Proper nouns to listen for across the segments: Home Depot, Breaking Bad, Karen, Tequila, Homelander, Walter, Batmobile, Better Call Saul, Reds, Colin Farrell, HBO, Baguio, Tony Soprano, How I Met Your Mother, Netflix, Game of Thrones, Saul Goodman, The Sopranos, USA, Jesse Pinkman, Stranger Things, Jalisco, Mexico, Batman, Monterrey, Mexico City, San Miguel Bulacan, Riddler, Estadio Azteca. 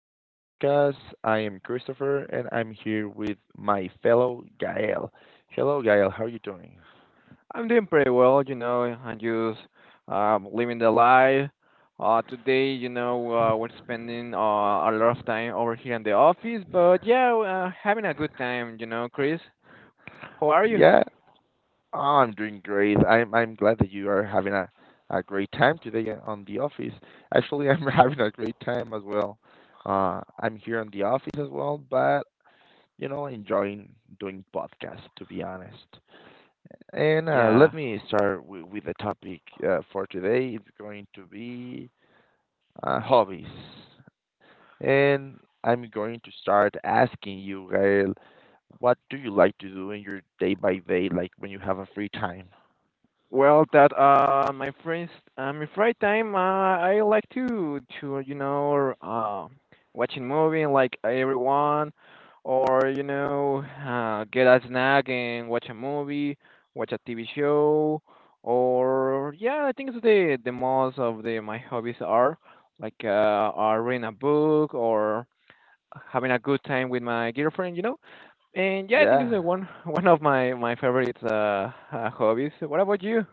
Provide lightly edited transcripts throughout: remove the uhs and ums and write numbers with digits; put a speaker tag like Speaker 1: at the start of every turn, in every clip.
Speaker 1: our podcast. I am Christopher and I'm here with my fellow Gael. Hello Gael, how are you doing?
Speaker 2: I'm doing pretty well, you know. I'm just living the life. Today, we're spending a lot of time over here in the office, but yeah, having a good time, you know, Chris. How are you?
Speaker 1: Yeah, oh, I'm doing great. I'm glad that you are having a great time today on the office. Actually, I'm having a great time as well. I'm here on the office as well, but you know, enjoying doing podcasts to be honest. And
Speaker 2: Yeah.
Speaker 1: Let me start with the topic for today. It's going to be hobbies. And I'm going to start asking you, Gael, what do you like to do in your day by day, like when you have a free time?
Speaker 2: Well, that my friends, my free time, I like to watching movie like everyone, or get a snack and watch a movie, watch a TV show, or yeah, I think it's the most of the my hobbies are like are reading a book or having a good time with my girlfriend, you know. And yeah, I think it's
Speaker 1: Yeah.
Speaker 2: the one one of my favorite hobbies. What about you?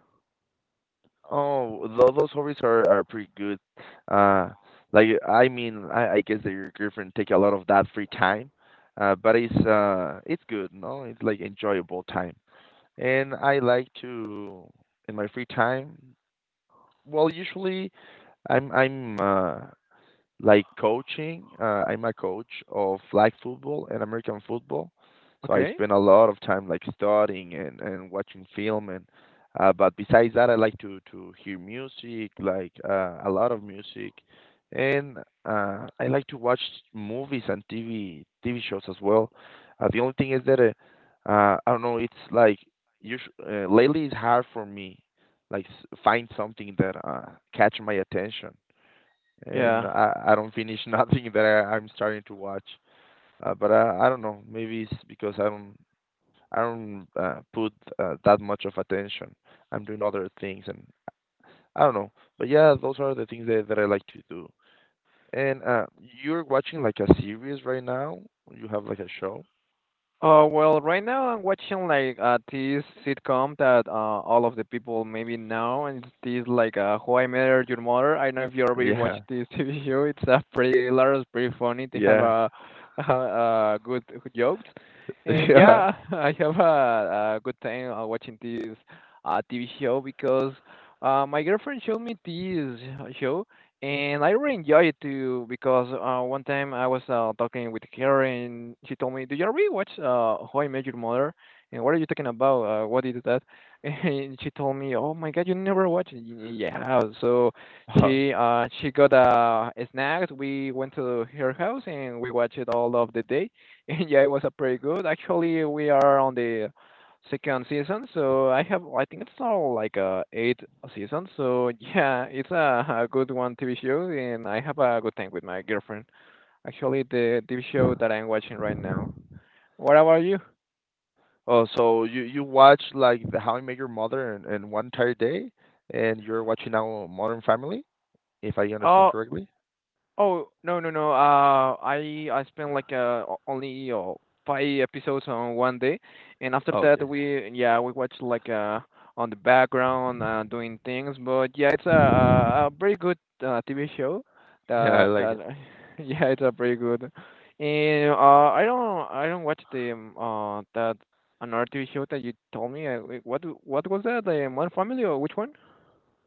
Speaker 1: Oh, those hobbies are pretty good. Uh, like I mean, I guess that your girlfriend take a lot of that free time, but it's good, no? It's like enjoyable time. And I like to in my free time. Well, usually I'm like coaching. I'm a coach of flag football and American football, so I
Speaker 2: Okay.
Speaker 1: spend a lot of time like studying and watching film and. But besides that, I like to hear music, like a lot of music, and I like to watch movies and TV shows as well. The only thing is that I don't know. It's like usu lately it's hard for me, like find something that catch my attention and
Speaker 2: Yeah.
Speaker 1: I don't finish nothing that I'm starting to watch. But I don't know. Maybe it's because I don't put that much of attention. I'm doing other things, and I don't know. But yeah, those are the things that I like to do. And You're watching like a series right now. You have like a show.
Speaker 2: Well, right now I'm watching like this sitcom that all of the people maybe know, and it's this like How I Met Your Mother. I don't know if you already watched
Speaker 1: Yeah,
Speaker 2: this TV show. It's pretty hilarious, pretty funny. They have
Speaker 1: yeah,
Speaker 2: a good jokes, and
Speaker 1: yeah.
Speaker 2: yeah, I have a good time watching this TV show because my girlfriend showed me this show, and I really enjoy it too because one time I was talking with Karen. She told me, "Do you already watch How I Met Your Mother? And what are you talking about? What is that?" And she told me, "Oh my God, you never watched it?" Yeah, so
Speaker 1: Oh,
Speaker 2: she got snacks. We went to her house and we watched it all of the day, and yeah, it was a pretty good. Actually, we are on the second season. So I have, I think it's all like eight seasons. So yeah, it's a good one TV show, and I have a good time with my girlfriend. Actually, the TV show that I'm watching right now. What about you?
Speaker 1: oh, so you watch like the How I Met Your Mother in one entire day, and you're watching now Modern Family, if I understand
Speaker 2: Oh,
Speaker 1: correctly.
Speaker 2: oh, no, no, no. I spent like only five episodes on one day, and after that
Speaker 1: Okay.
Speaker 2: we yeah we watched like on the background doing things. But yeah, it's a very good TV show.
Speaker 1: Yeah, I
Speaker 2: That
Speaker 1: like
Speaker 2: that
Speaker 1: it.
Speaker 2: yeah, it's a very good. And I don't watch the that another TV show that you told me. Wait, what was that? The Modern Family or which one?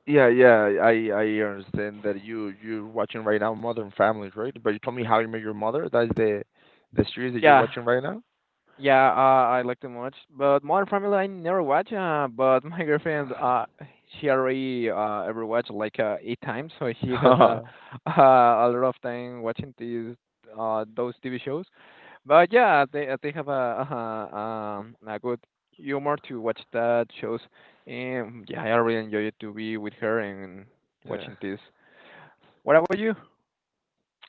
Speaker 1: Yeah, yeah, I understand that you're watching right now Modern Family, right? But you told me How You Met Your Mother. That's the series that you're
Speaker 2: Yeah.
Speaker 1: watching right now.
Speaker 2: Yeah, I like them much, but Modern Family I never watch. But my girlfriend, she already ever watched like eight times, so she has a uh, a lot of time watching these those TV shows. But yeah, they have a a good humor to watch that shows, and yeah, I really enjoy it to be with her and
Speaker 1: Yeah,
Speaker 2: watching this. What about you?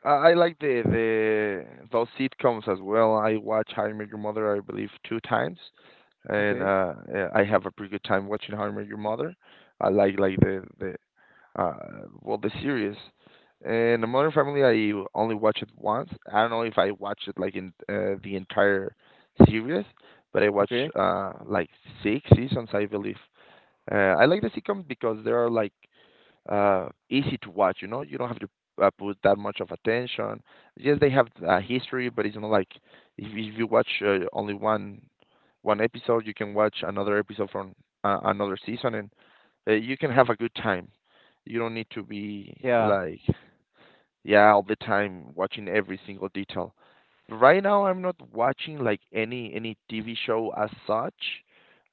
Speaker 1: I like the those sitcoms as well. I watch How You Met Your Mother, I believe, two times, and
Speaker 2: Okay,
Speaker 1: yeah, I have a pretty good time watching How I Met Your Mother. I like the uh, well, the series. And the Modern Family, I only watched it once. I don't know if I watched it like in the entire series, but I watched
Speaker 2: okay,
Speaker 1: like six seasons, I believe. I like the sitcoms because they are like easy to watch. You know, you don't have to put that much of attention. Yes, they have a history, but it's not like if you watch only one episode, you can watch another episode from another season, and you can have a good time. You don't need to be
Speaker 2: yeah,
Speaker 1: like, yeah, all the time watching every single detail. Right now, I'm not watching like any TV show as such,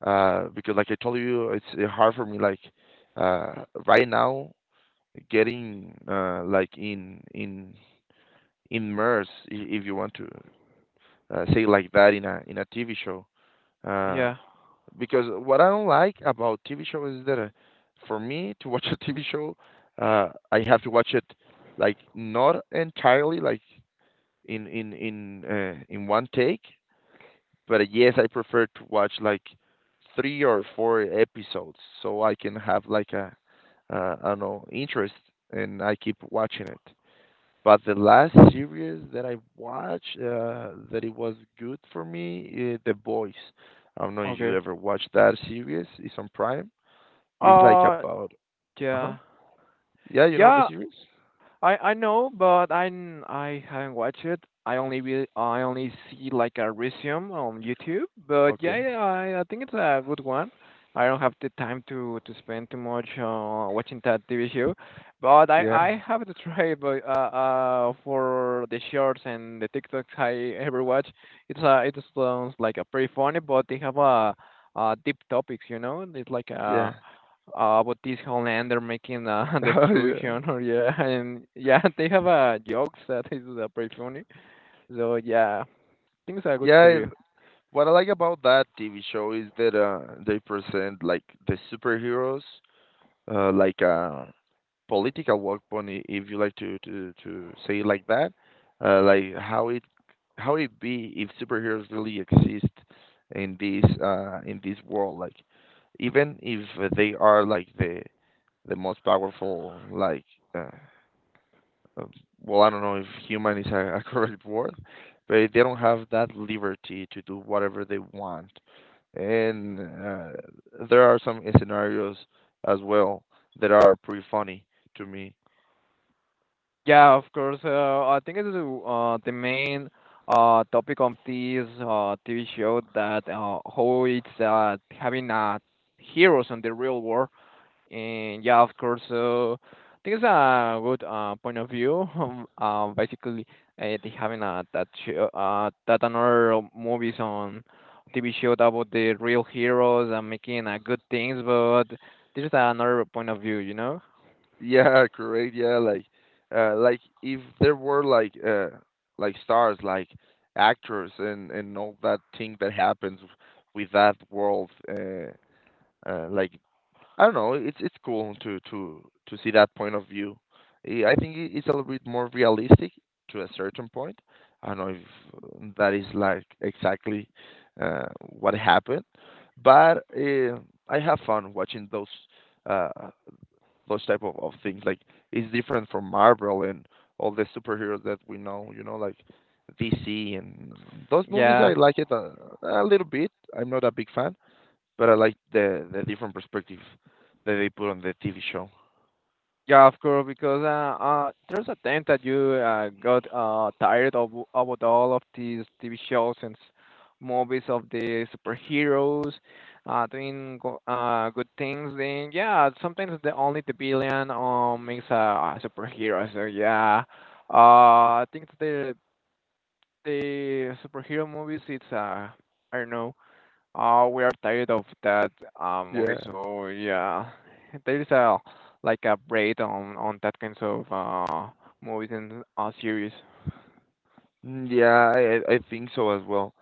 Speaker 1: because like I told you, it's hard for me like right now getting like in immersed, if you want to say like that in a TV show. Uh,
Speaker 2: yeah,
Speaker 1: because what I don't like about TV shows is that for me to watch a TV show, I have to watch it like not entirely like in one take, but yes, I prefer to watch like three or four episodes so I can have like a I don't know interest and I keep watching it. But the last series that I watched that it was good for me, The Boys. I don't know if you
Speaker 2: okay.
Speaker 1: ever watched that series. It's on Prime. It's like
Speaker 2: Uh,
Speaker 1: about,
Speaker 2: yeah.
Speaker 1: uh-huh. Yeah, you know the
Speaker 2: Yeah,
Speaker 1: series?
Speaker 2: I know, but I haven't watched it. I only see like a resume on YouTube. But
Speaker 1: Okay.
Speaker 2: yeah, yeah, I think it's a good one. I don't have the time to spend too much watching that TV show, but I
Speaker 1: Yeah.
Speaker 2: I have to try. But for the shorts and the TikToks I ever watch, it sounds like a pretty funny, but they have a deep topics. You know, it's like
Speaker 1: Yeah.
Speaker 2: a but this Homelander making the
Speaker 1: Oh yeah.
Speaker 2: extrusion or yeah and yeah they have jokes that is pretty funny so yeah I think it's a good
Speaker 1: Yeah,
Speaker 2: series.
Speaker 1: what I like about that TV show is that they present like the superheroes, like political weapon, if you like to say it like that. Like how it be if superheroes really exist in this world. Like even if they are like the most powerful like uh, uh, well I don't know if human is a correct word, but they don't have that liberty to do whatever they want and there are some scenarios as well that are pretty funny to me.
Speaker 2: Yeah, of course, I think it's the main topic of this TV show that how it's having heroes in the real world. And yeah, of course. So I think it's a good point of view. Basically, they having a that show, that another movies on TV show about the real heroes and making good things, but this is another point of view, you know?
Speaker 1: Yeah, correct. Yeah, like if there were like stars like actors and all that thing that happens with that world like I don't know, it's cool to see that point of view. I think it's a little bit more realistic to a certain point. I don't know if that is like exactly what happened, but I have fun watching uh those type of things. Like it's different from Marvel and all the superheroes that we know. You know, like DC and those movies.
Speaker 2: Yeah.
Speaker 1: I like it a little bit. I'm not a big fan, but I like the different perspective that they put on the TV show.
Speaker 2: Yeah, of course, because there's a time that you got tired of about all of these TV shows and movies of the superheroes doing go good things. Then yeah, sometimes the only the villain makes a superhero. So yeah, I think the superhero movies it's I don't know we are tired of that movie,
Speaker 1: Yeah.
Speaker 2: so yeah, there is a like a break on that kinds of movies and series.
Speaker 1: Mm, yeah, I think so as well.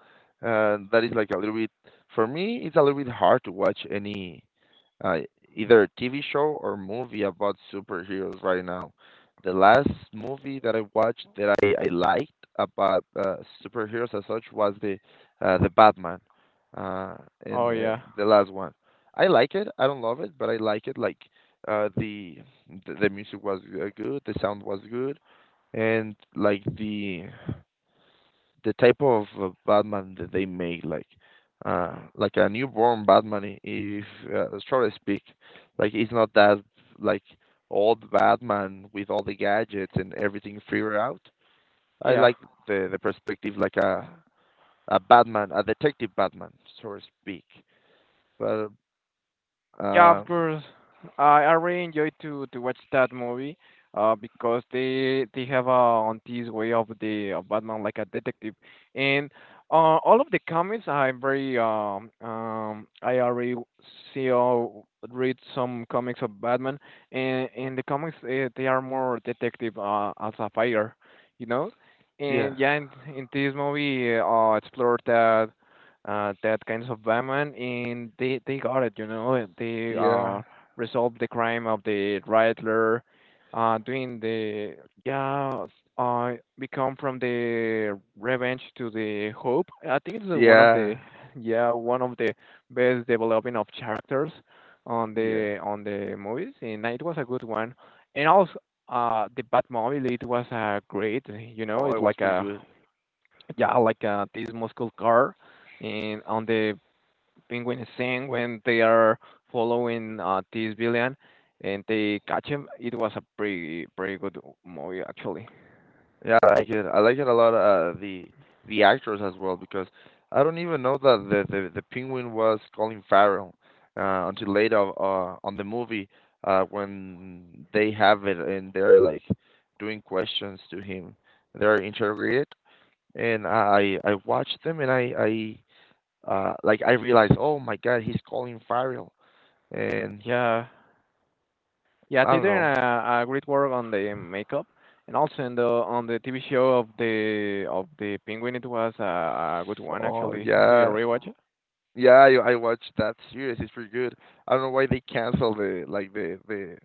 Speaker 1: That is like a little bit for me. It's a little bit hard to watch any uh, either TV show or movie about superheroes right now. The last movie that I watched that I liked about superheroes as such was the Batman, uh,
Speaker 2: Oh
Speaker 1: and
Speaker 2: yeah,
Speaker 1: the last one. I like it. I don't love it, but I like it. Like uh, the, the music was good, the sound was good, and like the type of Batman that they make, like a newborn Batman, if short speak, like it's not that like old Batman with all the gadgets and everything figured out. I
Speaker 2: yeah.
Speaker 1: like the perspective like a Batman, a detective Batman, so to speak. But
Speaker 2: Yeah, of
Speaker 1: um,
Speaker 2: course. I really enjoy to watch that movie, because they have a on this way of the of Batman like a detective, and all of the comics I'm very I already see or read some comics of Batman, and in the comics they are more detective as a fighter, you know,
Speaker 1: yeah,
Speaker 2: and yeah, in this movie explore that that kinds of Batman, and they got it. You know, they
Speaker 1: yeah,
Speaker 2: resolved the crime of the Riddler, uh, doing the yeah, become from the revenge to the hope. I think it's one of
Speaker 1: yeah,
Speaker 2: the yeah one of the best developing of characters
Speaker 1: yeah.
Speaker 2: on the movies, and it was a good one. And also, the Batmobile it was great. You know,
Speaker 1: Oh, it
Speaker 2: it's
Speaker 1: was
Speaker 2: like
Speaker 1: pretty
Speaker 2: a
Speaker 1: good.
Speaker 2: yeah, like this muscle car, and on the penguin scene when they are following this villain and they catch him, it was a pretty good movie actually.
Speaker 1: Yeah, I like it. I like it a lot. The actors as well because I don't even know that the the penguin was Colin Farrell until later on the movie when they have it and they're like doing questions to him. They're interrogated and I watched them and I like I realized oh my God he's Colin Farrell and
Speaker 2: Yeah, yeah,
Speaker 1: I
Speaker 2: they
Speaker 1: don't
Speaker 2: did
Speaker 1: know.
Speaker 2: a great work on the makeup, and also in the on the TV show of the penguin, it was a good one
Speaker 1: Oh
Speaker 2: actually. Do you
Speaker 1: yeah.
Speaker 2: rewatch it?
Speaker 1: Yeah, I watched that series. It's pretty good. I don't know why they canceled the like the the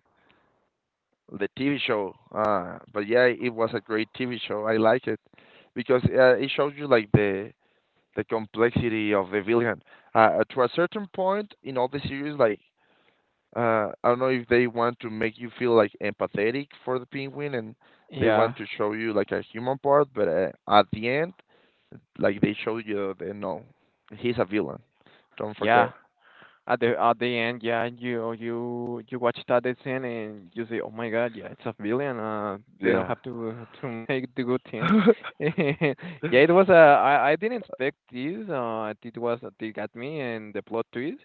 Speaker 1: the TV show. But yeah, it was a great TV show. I like it because it shows you like the complexity of the villain. To a certain point in all the series, like I don't know if they want to make you feel like empathetic for the penguin and they
Speaker 2: Yeah,
Speaker 1: want to show you like a human part, but at the end, like they show you the no, he's a villain. Don't forget.
Speaker 2: yeah. At the end, yeah, you watch that scene and you say, "Oh my God, yeah, it's a villain. They don't
Speaker 1: Yeah.
Speaker 2: have to make the good things." Yeah, it was. A I didn't expect this. It was they got me and the plot twist.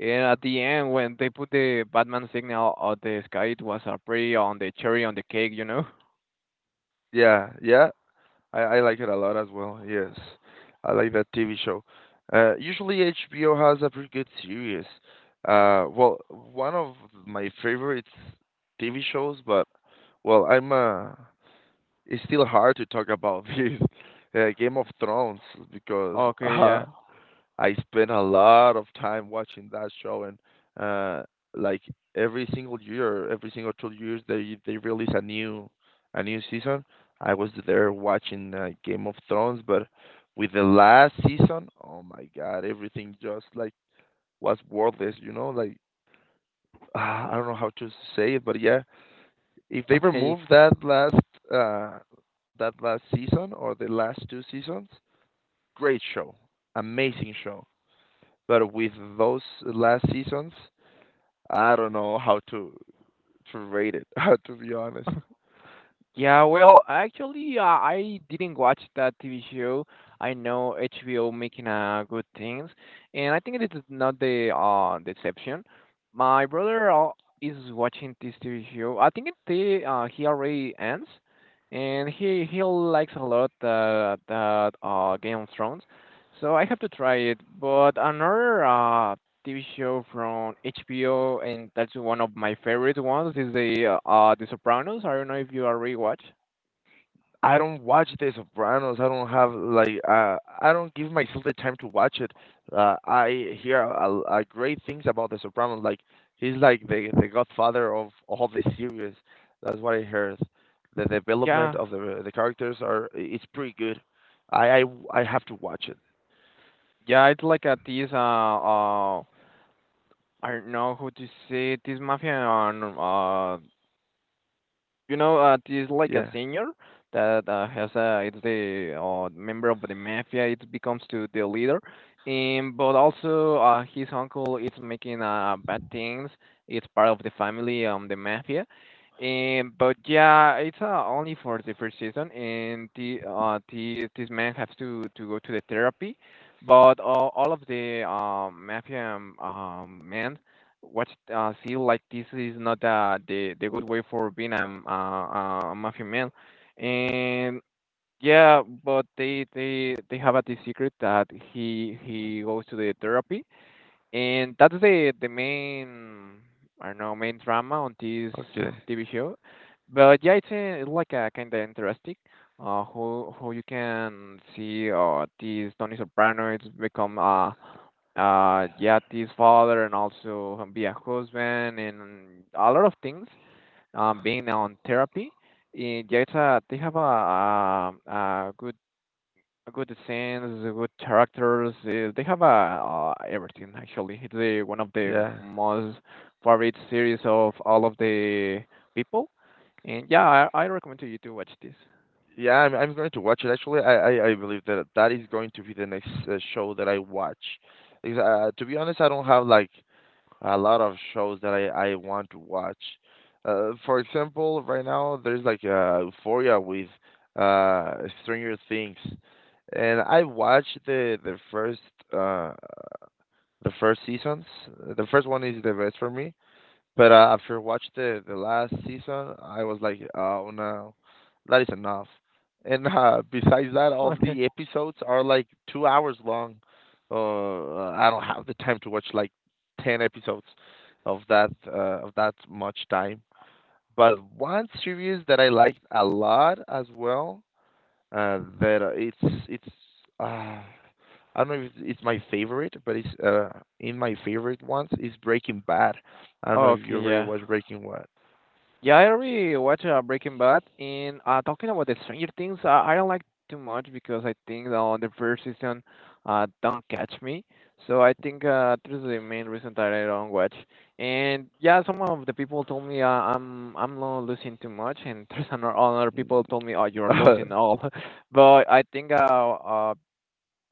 Speaker 2: And at the end, when they put the Batman signal on the sky, it was a pretty on the cherry on the cake, you know?
Speaker 1: Yeah, yeah. I like it a lot as well. Yes, I like that TV show. Usually HBO has a pretty good series. Well, one of my favorite TV shows, but well, I'm it's still hard to talk about this Game of Thrones because
Speaker 2: Okay, yeah.
Speaker 1: I spent a lot of time watching that show, and uh, like every single year, every single 2 years, they release a new season. I was there watching Game of Thrones, but with the last season, oh my God, everything just like was worthless. You know, like I don't know how to say it, but yeah, if they
Speaker 2: Okay, yeah.
Speaker 1: remove uh, that last season or the last two seasons, great show, amazing show but with those last seasons, I don't know how to rate it. To be honest,
Speaker 2: Yeah, well, actually, I didn't watch that TV show. I know HBO making good things, and I think it is not the exception. My brother is watching this TV show. I think it the he already ends, and he likes a lot that Game of Thrones, so I have to try it. But another TV show from HBO, and that's one of my favorite ones. Is The Sopranos. I don't know if you already watch.
Speaker 1: I don't watch The Sopranos. I don't have like I don't give myself the time to watch it. I hear a great things about The Sopranos. Like he's like the godfather of all the series. That's what I heard. The development
Speaker 2: Yeah,
Speaker 1: of the characters are it's pretty good. I I I have to watch it.
Speaker 2: yeah, it's like a this I don't know how to say it, this mafia and you know, he's like a
Speaker 1: Yeah.
Speaker 2: senior that has a it's the member of the mafia. It becomes to the leader, and but also his uncle is making bad things. It's part of the family, the mafia. And but yeah, it's only for the first season, and the this man has to go to the therapy, but all of the mafia men what's feel like this is not the good way for being a, a mafia man, and yeah, but they have a this secret that he goes to the therapy, and that's the main I don't know main drama on this
Speaker 1: Okay.
Speaker 2: TV show, but yeah, it's, a, like a kind of interesting. How you can see this Tony Soprano it's become Yati's father and also be a husband and a lot of things being on therapy in Yaita they have a good scenes good characters they have a, everything actually it's the, one of the
Speaker 1: Yeah.
Speaker 2: most favorite series of all of the people and yeah I recommend to you to watch this.
Speaker 1: Yeah, I'm going to watch it. Actually, I believe that that is going to be the next show that I watch. Because, to be honest, I don't have like a lot of shows that I want to watch. For example, right now there's like, Euphoria with, Stranger Things, and I watched uh the first seasons. The first one is the best for me. But, after watch the last season, I was like, "Oh, no, that is enough." Besides that, all
Speaker 2: Okay.
Speaker 1: the episodes are, like, 2 hours long. I don't have the time to watch, like, 10 episodes of that much time. But one series that I liked a lot as well, that, it's, ah I don't know if it's my favorite, but it's in my favorite ones is Breaking Bad. I don't know if
Speaker 2: Okay,
Speaker 1: you ever
Speaker 2: yeah.
Speaker 1: watched Breaking
Speaker 2: Yeah, I already watched Breaking Bad, and talking about the Stranger Things, I don't like too much because I think that on the first season, don't catch me. So I think this is the main reason that I don't watch. And yeah, some of the people told me I'm not losing too much, and there's another, other people told me, oh, you're
Speaker 1: Bad.
Speaker 2: losing all. But I think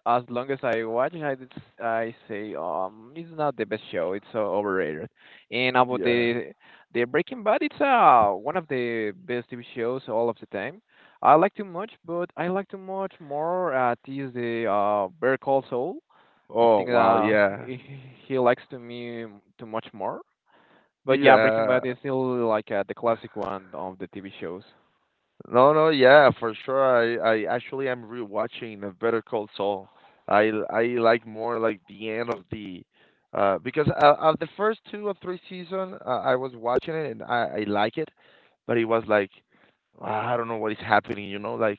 Speaker 2: as long as I watch it, I, I say it's not the best show. It's so overrated. And about
Speaker 1: Yeah.
Speaker 2: the Breaking Bad, it's one of the best TV shows all of the time. I like too much, but I like too much more. Is the Better Call Saul. I
Speaker 1: Oh
Speaker 2: think
Speaker 1: wow, yeah.
Speaker 2: he, he likes to me too much more. But yeah, Breaking
Speaker 1: Yeah.
Speaker 2: Bad is still like the classic one of the TV shows.
Speaker 1: No, no, yeah, for sure. I actually am rewatching of Better Call Saul. I like more like the end of the, because, of the first two or three season, I was watching it and I like it, but it was like, "Ah, I don't know what is happening, like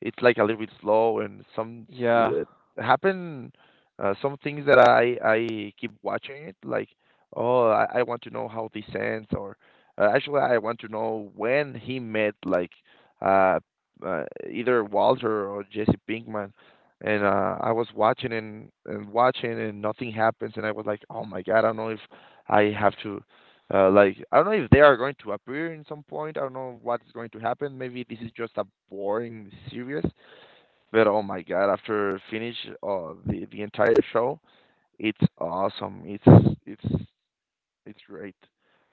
Speaker 1: it's like a little bit slow, and some s-
Speaker 2: Yeah,
Speaker 1: happen, some things that I keep watching it, like, oh, I want to know how this ends, or actually I want to know when he met, like, uh, uh, either Walter or Jesse Pinkman." And I was watching, and watching, and nothing happens. And I was like, "Oh my God, I don't know if I have to, like, I don't know if they are going to appear in some point. I don't know what's going to happen. Maybe this is just a boring series." But oh my God, after finish, the entire show, it's awesome. It's great.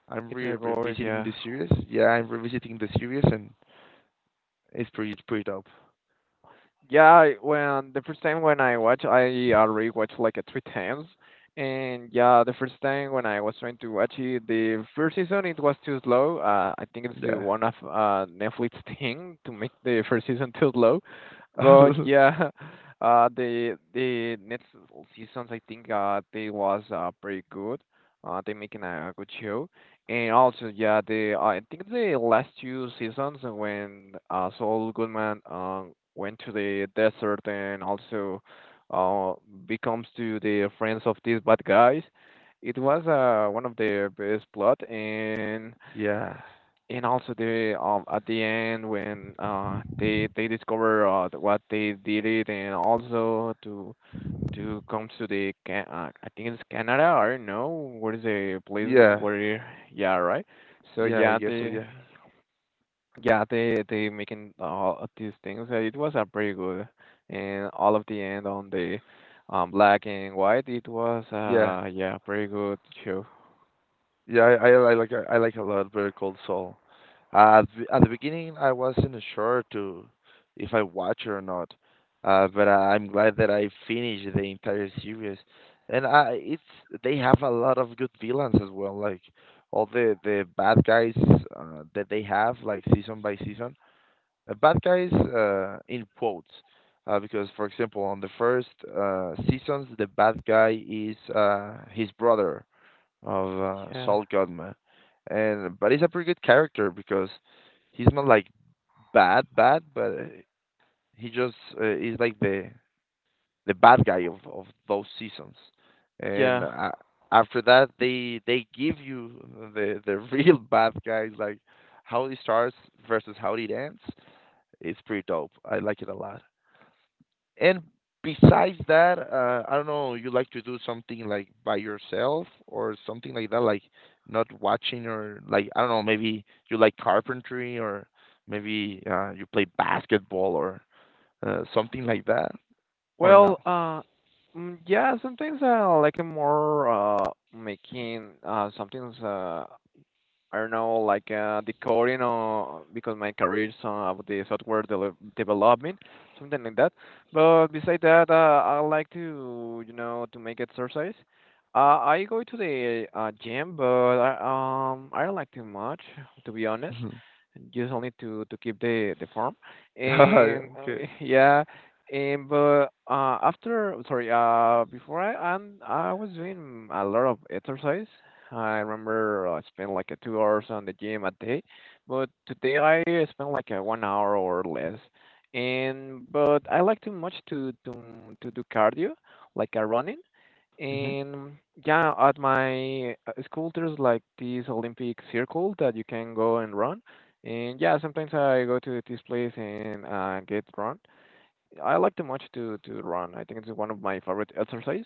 Speaker 1: I'm
Speaker 2: it's
Speaker 1: re-
Speaker 2: a gore.
Speaker 1: revisiting
Speaker 2: Yeah.
Speaker 1: the series. Yeah, I'm revisiting the series, and it's pretty dope.
Speaker 2: Yeah, when the first time when I watch, I already watched like three times, and yeah, the first time when I was trying to watch it, the first season it was too slow. I think it's the
Speaker 1: Yeah.
Speaker 2: one of Netflix thing to make the first season too slow, but yeah, the next seasons I think they was pretty good. They making a good show. And also, yeah, the I think the last two seasons when Saul Goodman went to the desert and also uh, becomes to the friends of these bad guys, it was one of the best plot, and
Speaker 1: Yeah.
Speaker 2: and also the, at the end when they discover what they did it, and also to come to the— Can I think it's Canada. I don't know what is the place
Speaker 1: Yeah.
Speaker 2: where. Yeah, right. So
Speaker 1: Yeah, I
Speaker 2: yeah,
Speaker 1: guess so,
Speaker 2: they,
Speaker 1: yeah.
Speaker 2: yeah, they making all of these things. It was a pretty good, and all of the end on the black and white. It was
Speaker 1: Yeah.
Speaker 2: yeah, pretty good show.
Speaker 1: Yeah, I like a lot Better Call Saul. At the beginning, I wasn't sure to if I watch it or not, but I'm glad that I finished the entire series. And I, it's they have a lot of good villains as well, like all the bad guys, that they have, like season by season. Bad guys, in quotes, because for example, on the first seasons, the bad guy is, his brother of,
Speaker 2: Yeah,
Speaker 1: Saul Goodman, and but he's a pretty good character because he's not like bad bad, but he just, is like the bad guy of those seasons, and
Speaker 2: yeah.
Speaker 1: after that, they give you the real bad guys, like how it starts versus how it ends. It's pretty dope. I like it a lot. And besides that, I don't know, you like to do something like by yourself or something like that, like not watching, or like I don't know, maybe you like carpentry, or maybe, you play basketball, or something like that, or no?
Speaker 2: Well, yeah, sometimes I like more making something's, I don't know, like, the or because my career is about the software development, something like that. But besides that, I like to make exercise. I go to the gym, but I don't like too much, to be honest.
Speaker 1: Mhm.
Speaker 2: Just only to keep the form, and,
Speaker 1: Okay.
Speaker 2: yeah, and but after, sorry, before I was doing a lot of exercise. I remember I spent like a 2 hours on the gym a day, but today I spent like a 1 hour or less. And but I like too much to do cardio, like a running.
Speaker 1: hmm
Speaker 2: And yeah, at my school there's like this Olympic circle that you can go and run. And yeah, sometimes I go to this place and get run. I like too much to run. I think it's one of my favorite exercise.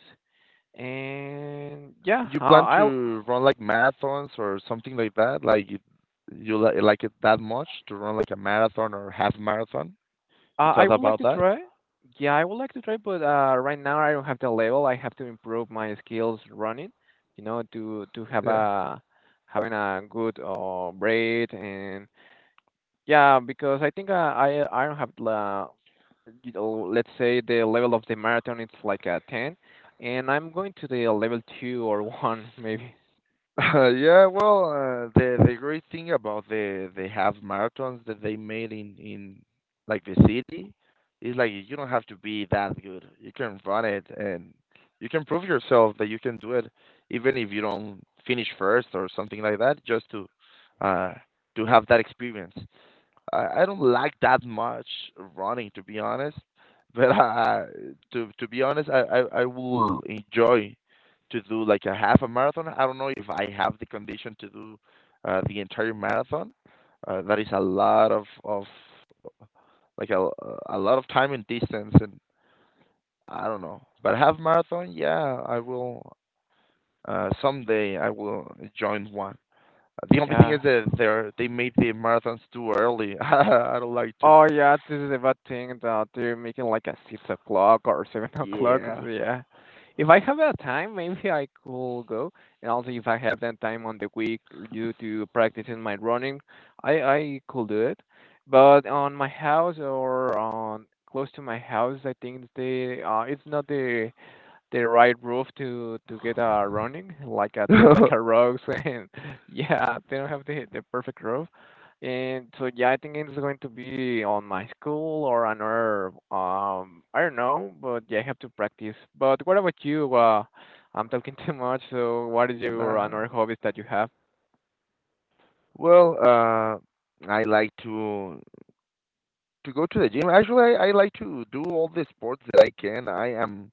Speaker 2: And yeah,
Speaker 1: You plan
Speaker 2: I...
Speaker 1: to run like marathons or something like that? Like you li like it that much to run like a marathon or half marathon? You
Speaker 2: I
Speaker 1: thought
Speaker 2: would like
Speaker 1: about
Speaker 2: to
Speaker 1: that?
Speaker 2: try. Yeah, I would like to try, but right now I don't have the level. I have to improve my skills running, to have
Speaker 1: Yeah.
Speaker 2: a having a good rate, and yeah, because I think I don't have the, you know, let's say the level of the marathon, it's like a 10, and I'm going to the level 2 or 1 maybe.
Speaker 1: Yeah, well, the great thing about the half marathons that they made in like, the city is, like, you don't have to be that good. You can run it and you can prove yourself that you can do it, even if you don't finish first or something like that, just uh to have that experience. I don't like that much running, to be honest. But I, to be honest, I will enjoy to do, like, a half a marathon. I don't know if I have the condition to do, the entire marathon. That is a lot of like a lot of time and distance, and I don't know. But half marathon, yeah, I will. Someday I will join one. The only thing is
Speaker 2: Yeah.
Speaker 1: that they made the marathons too early. I don't like to.
Speaker 2: Oh yeah, this is a bad thing that they're making like a 6 o'clock or seven o'clock. so
Speaker 1: Yeah.
Speaker 2: Yeah, if I have that time, maybe I could go. And also, if I have that time on the week due to practicing my running, I could do it. But on my house or on close to my house, I think they, it's not the right roof to get running, like, there's like a rocks and yeah, they don't have the perfect roof, and so, yeah, I think it's going to be on my school or another. I don't know, but yeah, I have to practice. But what about you? I'm talking too much, so what is your
Speaker 1: Nah.
Speaker 2: another hobbies that you have?
Speaker 1: Well, I like to go to the gym. Actually, I like to do all the sports that I can.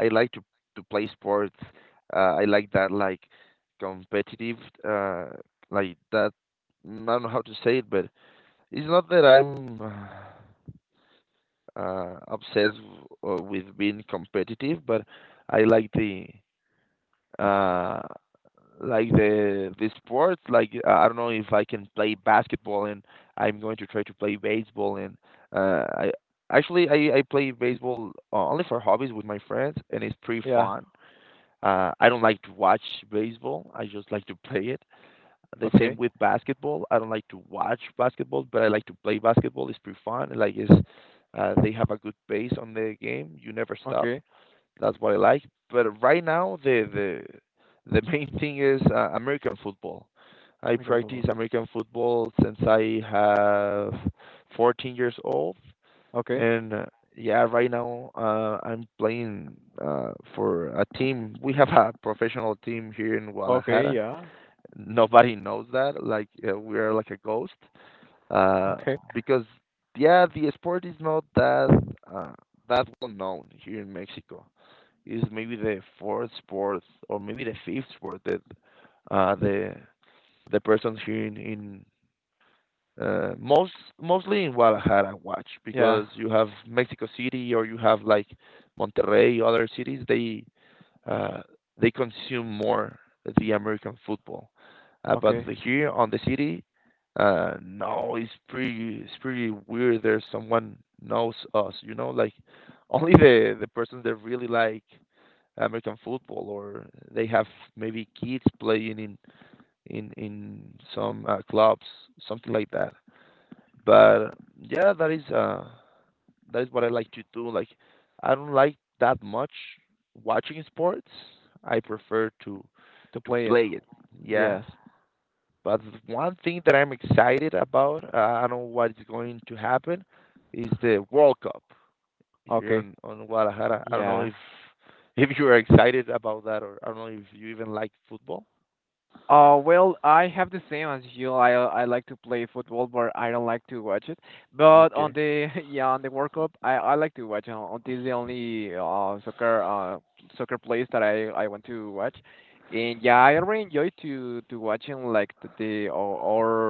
Speaker 1: I like to play sports. I like that, like, competitive, uh like that, I don't know how to say it, but it's not that I'm obsessed, with being competitive, but I like the uh like the sports, like, I don't know if I can play basketball, and I'm going to try to play baseball, and I actually, I play baseball, only for hobbies with my friends, and it's pretty
Speaker 2: Yeah.
Speaker 1: fun. I don't like to watch baseball, I just like to play it. The same
Speaker 2: Okay.
Speaker 1: with basketball. I don't like to watch basketball, but I like to play basketball. It's pretty fun. Like, it's they have a good pace on the game. You never stop.
Speaker 2: Okay.
Speaker 1: That's what I like. But right now, the main thing is, American football. I
Speaker 2: American football.
Speaker 1: practice American football since I have 14 years old,
Speaker 2: Okay.
Speaker 1: and yeah, right now, I'm playing, for a team. We have a professional team here in
Speaker 2: Okay.
Speaker 1: Guadalajara.
Speaker 2: Yeah.
Speaker 1: Nobody knows that. Like, we are like a ghost, uh,
Speaker 2: Okay.
Speaker 1: because yeah, the sport is not that, uh, that well known here in Mexico. It's maybe the fourth sport, or maybe the fifth sport that, uh, the the persons here in uh, most mostly in Guadalajara watch,
Speaker 2: Yeah.
Speaker 1: because you have Mexico City, or you have like Monterrey, other cities. Uh, they consume more the American football. But
Speaker 2: Okay.
Speaker 1: here on the city, no, it's pretty weird. There's someone knows us, you know, like, only the persons that really like American football, or they have maybe kids playing in some, clubs, something like that. But yeah, that is what I like to do. Like, I don't like that much watching sports. I prefer to
Speaker 2: To
Speaker 1: to
Speaker 2: play it.
Speaker 1: play it. Yeah.
Speaker 2: Yes.
Speaker 1: But one thing that I'm excited about, I don't know what is going to happen, is the World Cup here
Speaker 2: Okay.
Speaker 1: on Guadalajara. I don't know
Speaker 2: Yeah.
Speaker 1: if if you are excited about that, or I don't know if you even like football.
Speaker 2: Well, I have the same as you. I like to play football, but I don't like to watch it. But on
Speaker 1: Okay.
Speaker 2: the yeah, on the World Cup, I like to watch. This is the only soccer place that I want to watch, and yeah, I really enjoy to watching like the our,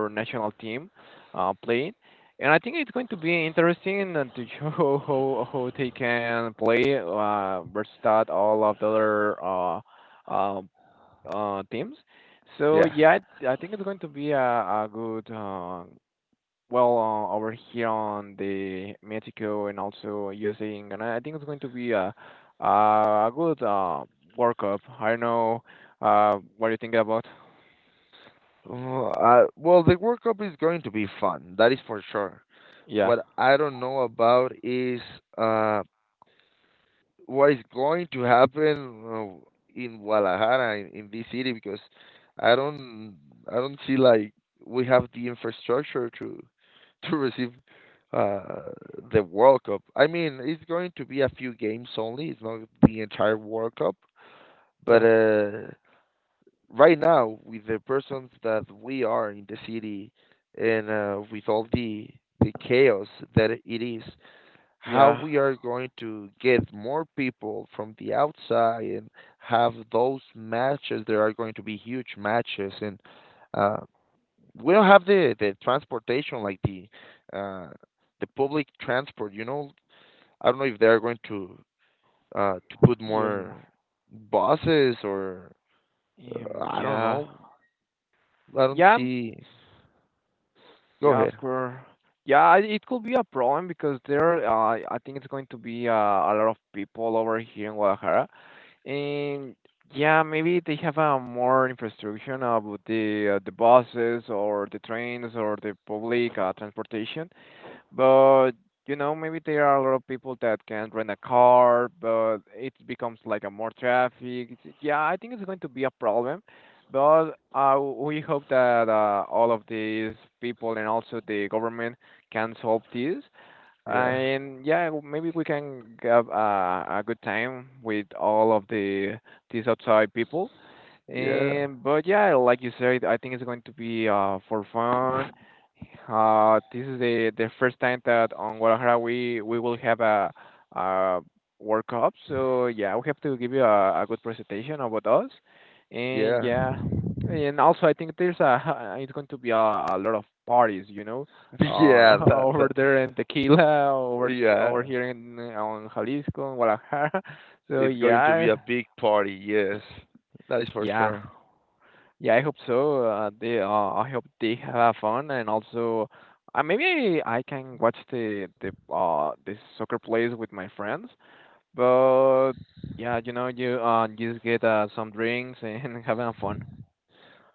Speaker 2: our national team, playing, and I think it's going to be interesting and to show how they can play versus that all of the other uh teams. So
Speaker 1: Yeah.
Speaker 2: yeah, I think it's going to be a good, over here on the Mexico and also USA, and I think it's going to be a good World Cup. I don't know what you think about.
Speaker 1: Well, the World Cup is going to be fun. That is for sure.
Speaker 2: Yeah,
Speaker 1: What I don't know about is, uh, what is going to happen, in Guadalajara in this city, because I don't I don't see, like, we have the infrastructure to receive, uh, the World Cup. I mean, it's going to be a few games only. It's not the entire World Cup, but
Speaker 2: yeah,
Speaker 1: right now, with the persons that we are in the city, and with all the chaos that it is, how
Speaker 2: yeah,
Speaker 1: we are going to get more people from the outside and have those matches. There are going to be huge matches, and uh, we don't have the transportation, like uh, the public transport. You know, I don't know if they are going to put
Speaker 2: yes,
Speaker 1: more buses, or I don't
Speaker 2: yeah,
Speaker 1: know. I don't
Speaker 2: yeah,
Speaker 1: see. Go
Speaker 2: yeah, of
Speaker 1: ahead.
Speaker 2: course. Yeah, it could be a problem because there, I think it's going to be a lot of people over here in Guadalajara. And yeah, maybe they have a more infrastructure about the buses or the trains or the public transportation. But you know, maybe there are a lot of people that can rent a car, but it becomes like a more traffic. Yeah, I think it's going to be a problem. But we hope that all of these people and also the government can solve this.
Speaker 1: Yeah.
Speaker 2: And yeah, maybe we can have a good time with all of these outside people.
Speaker 1: Yeah.
Speaker 2: And but yeah, like you said, I think it's going to be for fun. This is the first time that on Guadalajara we will have a World Cup. So yeah, we have to give you a good presentation about us, and
Speaker 1: Yeah.
Speaker 2: yeah, and also I think there's a it's going to be a lot of parties, you know,
Speaker 1: Yeah. That,
Speaker 2: over
Speaker 1: that.
Speaker 2: there in Tequila, over
Speaker 1: Yeah.
Speaker 2: here in on Jalisco, in Guadalajara. So
Speaker 1: It's going to
Speaker 2: yeah,
Speaker 1: be a big party, yes. That is for
Speaker 2: yeah.
Speaker 1: sure.
Speaker 2: Yeah, I hope so. I hope they have fun, and also, maybe I can watch the soccer plays with my friends. But yeah, you know, you just get some drinks and having fun.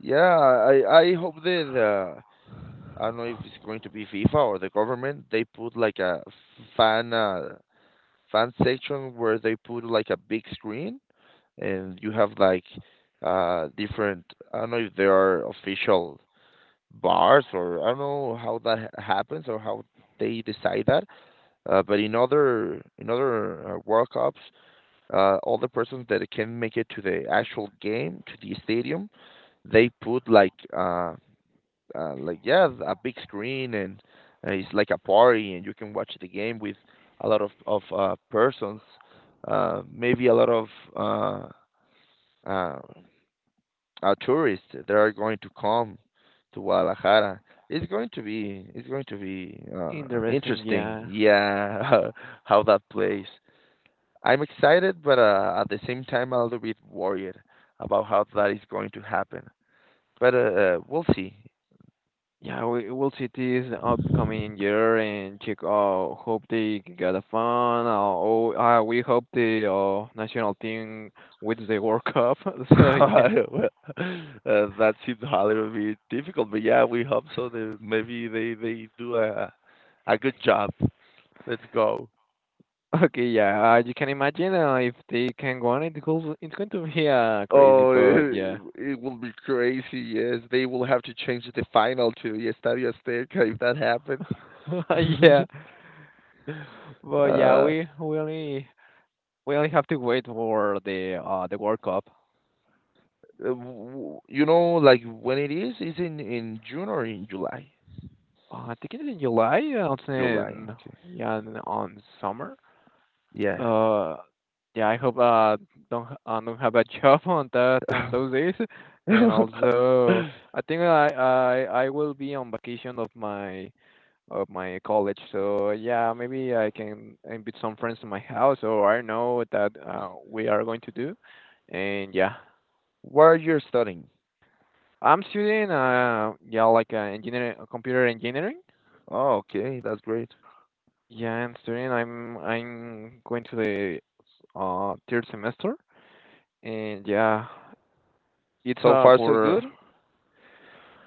Speaker 1: Yeah, I hope that, I don't know if it's going to be FIFA or the government. They put like a fan uh, fan section where they put, like, a big screen and you have, like, different. I don't know if there are official bars, or I don't know how that happens, or how they decide that. But in other, in other World Cups, all the persons that can make it to the actual game, to the stadium, they put like, like, yeah, a big screen, and it's like a party, and you can watch the game with a lot of persons, maybe a lot of, uh uh, tourists that are going to come to Guadalajara. It's going to be it's going to be
Speaker 2: Interesting,
Speaker 1: interesting,
Speaker 2: yeah,
Speaker 1: yeah, how that plays. I'm excited, but, at the same time, a little bit worried about how that is going to happen. But we'll see.
Speaker 2: yeah. We will see this upcoming year and check. Hope they get a fun. Oh, we hope the national team wins the World Cup. So yeah.
Speaker 1: That seems a little bit difficult, but yeah, we hope so. Maybe they do a good job. Let's go.
Speaker 2: Okay, yeah, you can imagine if they can go on, it goes, it's going to be crazy,
Speaker 1: Oh,
Speaker 2: but yeah,
Speaker 1: it will be crazy. Yes, they will have to change the final to the Estadio Azteca if that happens.
Speaker 2: yeah, but yeah,
Speaker 1: uh,
Speaker 2: we only have to wait for the World Cup.
Speaker 1: w- you know, like, when it is in June or in July?
Speaker 2: I think it's in July. It's
Speaker 1: July.
Speaker 2: in,
Speaker 1: Okay.
Speaker 2: yeah, on summer.
Speaker 1: Yeah.
Speaker 2: Uh, yeah, I hope don't don't have a job on those days, and also I think I will be on vacation of my college. So yeah, maybe I can invite some friends to my house, or I don't know that we are going to do. And yeah,
Speaker 1: Where you studying?
Speaker 2: I'm studying, yeah, like engineering, computer engineering.
Speaker 1: Oh, okay. That's great.
Speaker 2: Yeah, I'm studying. I'm going to the third semester, and yeah, it's
Speaker 1: So far, so
Speaker 2: for...
Speaker 1: good.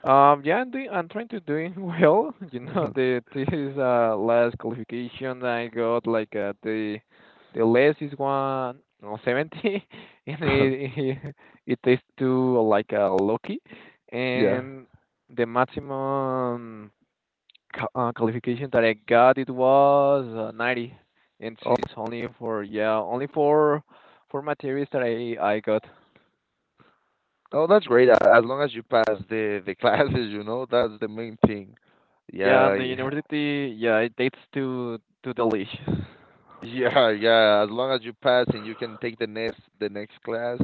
Speaker 2: Yeah, I'm doing. I'm trying to doing well. You know, the this is last qualification I got like, the less is 1 or 70, and it takes two like lucky,
Speaker 1: Yeah.
Speaker 2: and the maximum qualification that I got it was 90, and
Speaker 1: Oh,
Speaker 2: it's only for, yeah, only for materials that I got.
Speaker 1: oh, that's great. As long as you pass the classes, you know, that's the main thing.
Speaker 2: Yeah,
Speaker 1: Yeah,
Speaker 2: and the
Speaker 1: yeah,
Speaker 2: university, yeah, it takes to the leash.
Speaker 1: yeah, yeah. As long as you pass and you can take the next class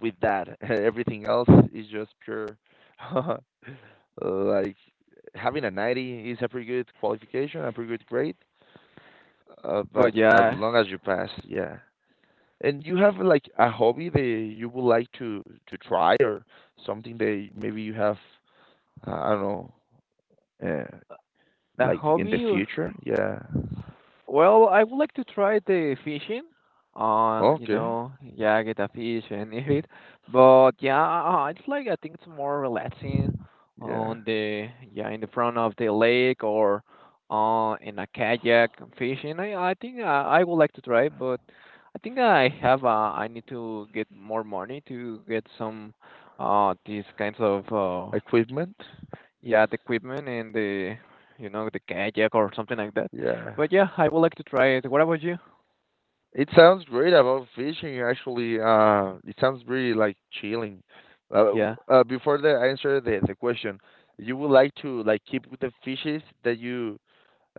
Speaker 1: with that, everything else is just pure. Like, having a 90 is a pretty good qualification, a pretty good grade. But
Speaker 2: But
Speaker 1: as
Speaker 2: yeah,
Speaker 1: long as you pass, yeah. And you have, like, a hobby that you would like to try, or something that maybe you have, I don't know, uh,
Speaker 2: the
Speaker 1: like, in the
Speaker 2: hobby.
Speaker 1: future. Yeah.
Speaker 2: Well, I would like to try the fishing. You
Speaker 1: Okay.
Speaker 2: know, yeah, get a fish and eat it. But yeah, it's like I think it's more relaxing
Speaker 1: Yeah.
Speaker 2: on the yeah, in the front of the lake or in a kayak fishing. I think I would like to try, but I think I need to get more money to get some these kinds of
Speaker 1: Equipment.
Speaker 2: Yeah, the equipment and the kayak or something like that.
Speaker 1: Yeah.
Speaker 2: But yeah, I would like to try it. What about you?
Speaker 1: It sounds great about fishing, actually. It sounds really, like, chilling.
Speaker 2: Yeah.
Speaker 1: Before the answer the question, you would like to, like, keep with the fishes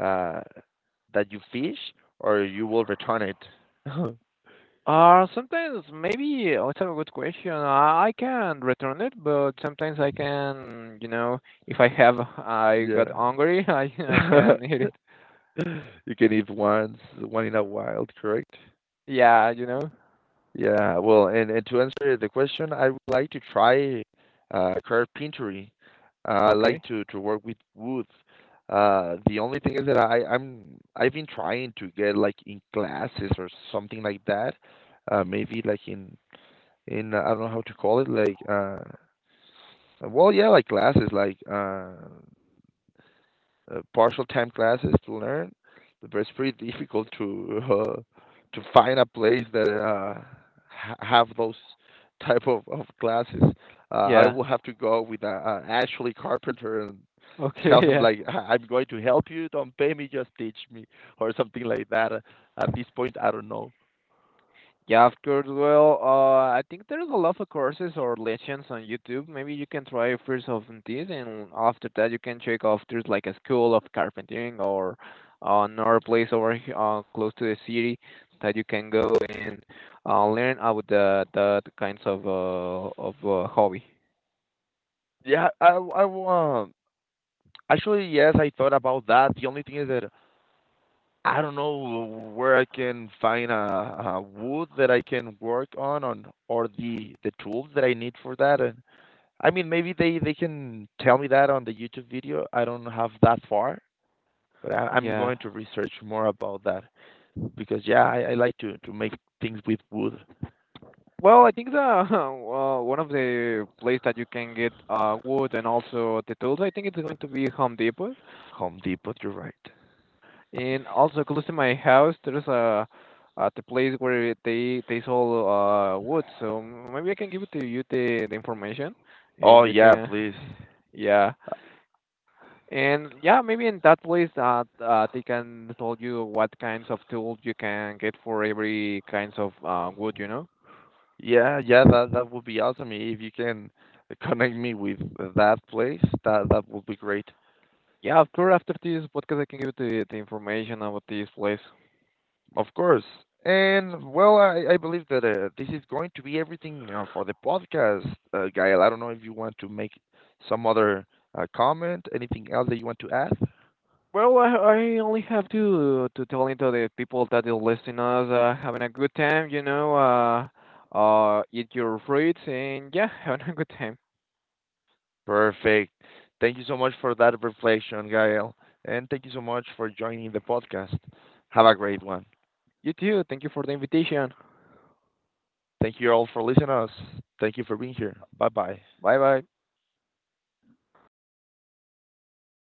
Speaker 1: uh, that you fish, or you will return it.
Speaker 2: Sometimes maybe, oh, it's a good question. I can return it, but sometimes I can, you know, if I have, I got
Speaker 1: Yeah.
Speaker 2: hungry, I can eat it.
Speaker 1: You can eat once, one in a while, correct?
Speaker 2: Yeah, you know.
Speaker 1: Yeah, well, and to answer the question, I would like to try, carpentry. I
Speaker 2: Okay.
Speaker 1: like to work with wood. The only thing is that I've been trying to get, like, in classes or something like that. Maybe, like, in I don't know how to call it, like, well, yeah, like classes, like, partial time classes to learn, but it's pretty difficult to find a place that, have those type of classes. I
Speaker 2: Yeah.
Speaker 1: will have to go with, Ashley Carpenter and tell him,
Speaker 2: Okay.
Speaker 1: like, I'm going to help you. Don't pay me, just teach me," or something like that. At this point, I don't know.
Speaker 2: Yeah, of course. Well, I think there's a lot of courses or lessons on YouTube. Maybe you can try first of this, and after that you can check off there's like a school of carpentering or another place over here, close to the city that you can go and learn about the kinds of hobby.
Speaker 1: Yeah, I actually yes, I thought about that. The only thing is that I don't know where I can find a wood that I can work on or the tools that I need for that. And I mean, maybe they can tell me that on the YouTube video. I don't have that far, but I'm
Speaker 2: Yeah.
Speaker 1: going to research more about that, because yeah, I like to make things with wood.
Speaker 2: Well, I think the one of the place that you can get wood and also the tools, I think it's going to be Home Depot.
Speaker 1: Home Depot, you're right.
Speaker 2: And also close to my house, there's a at the place where they sell wood. So maybe I can give it to you the information,
Speaker 1: Oh
Speaker 2: and you
Speaker 1: yeah,
Speaker 2: can...
Speaker 1: please.
Speaker 2: Yeah. And yeah, maybe in that place they can tell you what kinds of tools you can get for every kinds of wood, you know?
Speaker 1: Yeah, yeah, that would be awesome if you can connect me with that place. That would be great.
Speaker 2: Yeah, after this podcast I can give you the information about this place.
Speaker 1: Of course. And well, I believe that, this is going to be everything, for the podcast, Gael. I don't know if you want to make some other, comment, anything else that you want to add?
Speaker 2: Well, I only have to tell into the people that are listening us, having a good time, eat your fruits and, yeah, having a good time.
Speaker 1: Perfect. Thank you so much for that reflection, Gael. And thank you so much for joining the podcast. Have a great one.
Speaker 2: You too. Thank you for the invitation.
Speaker 1: Thank you all for listening to us. Thank you for being here. Bye bye.
Speaker 2: Bye bye.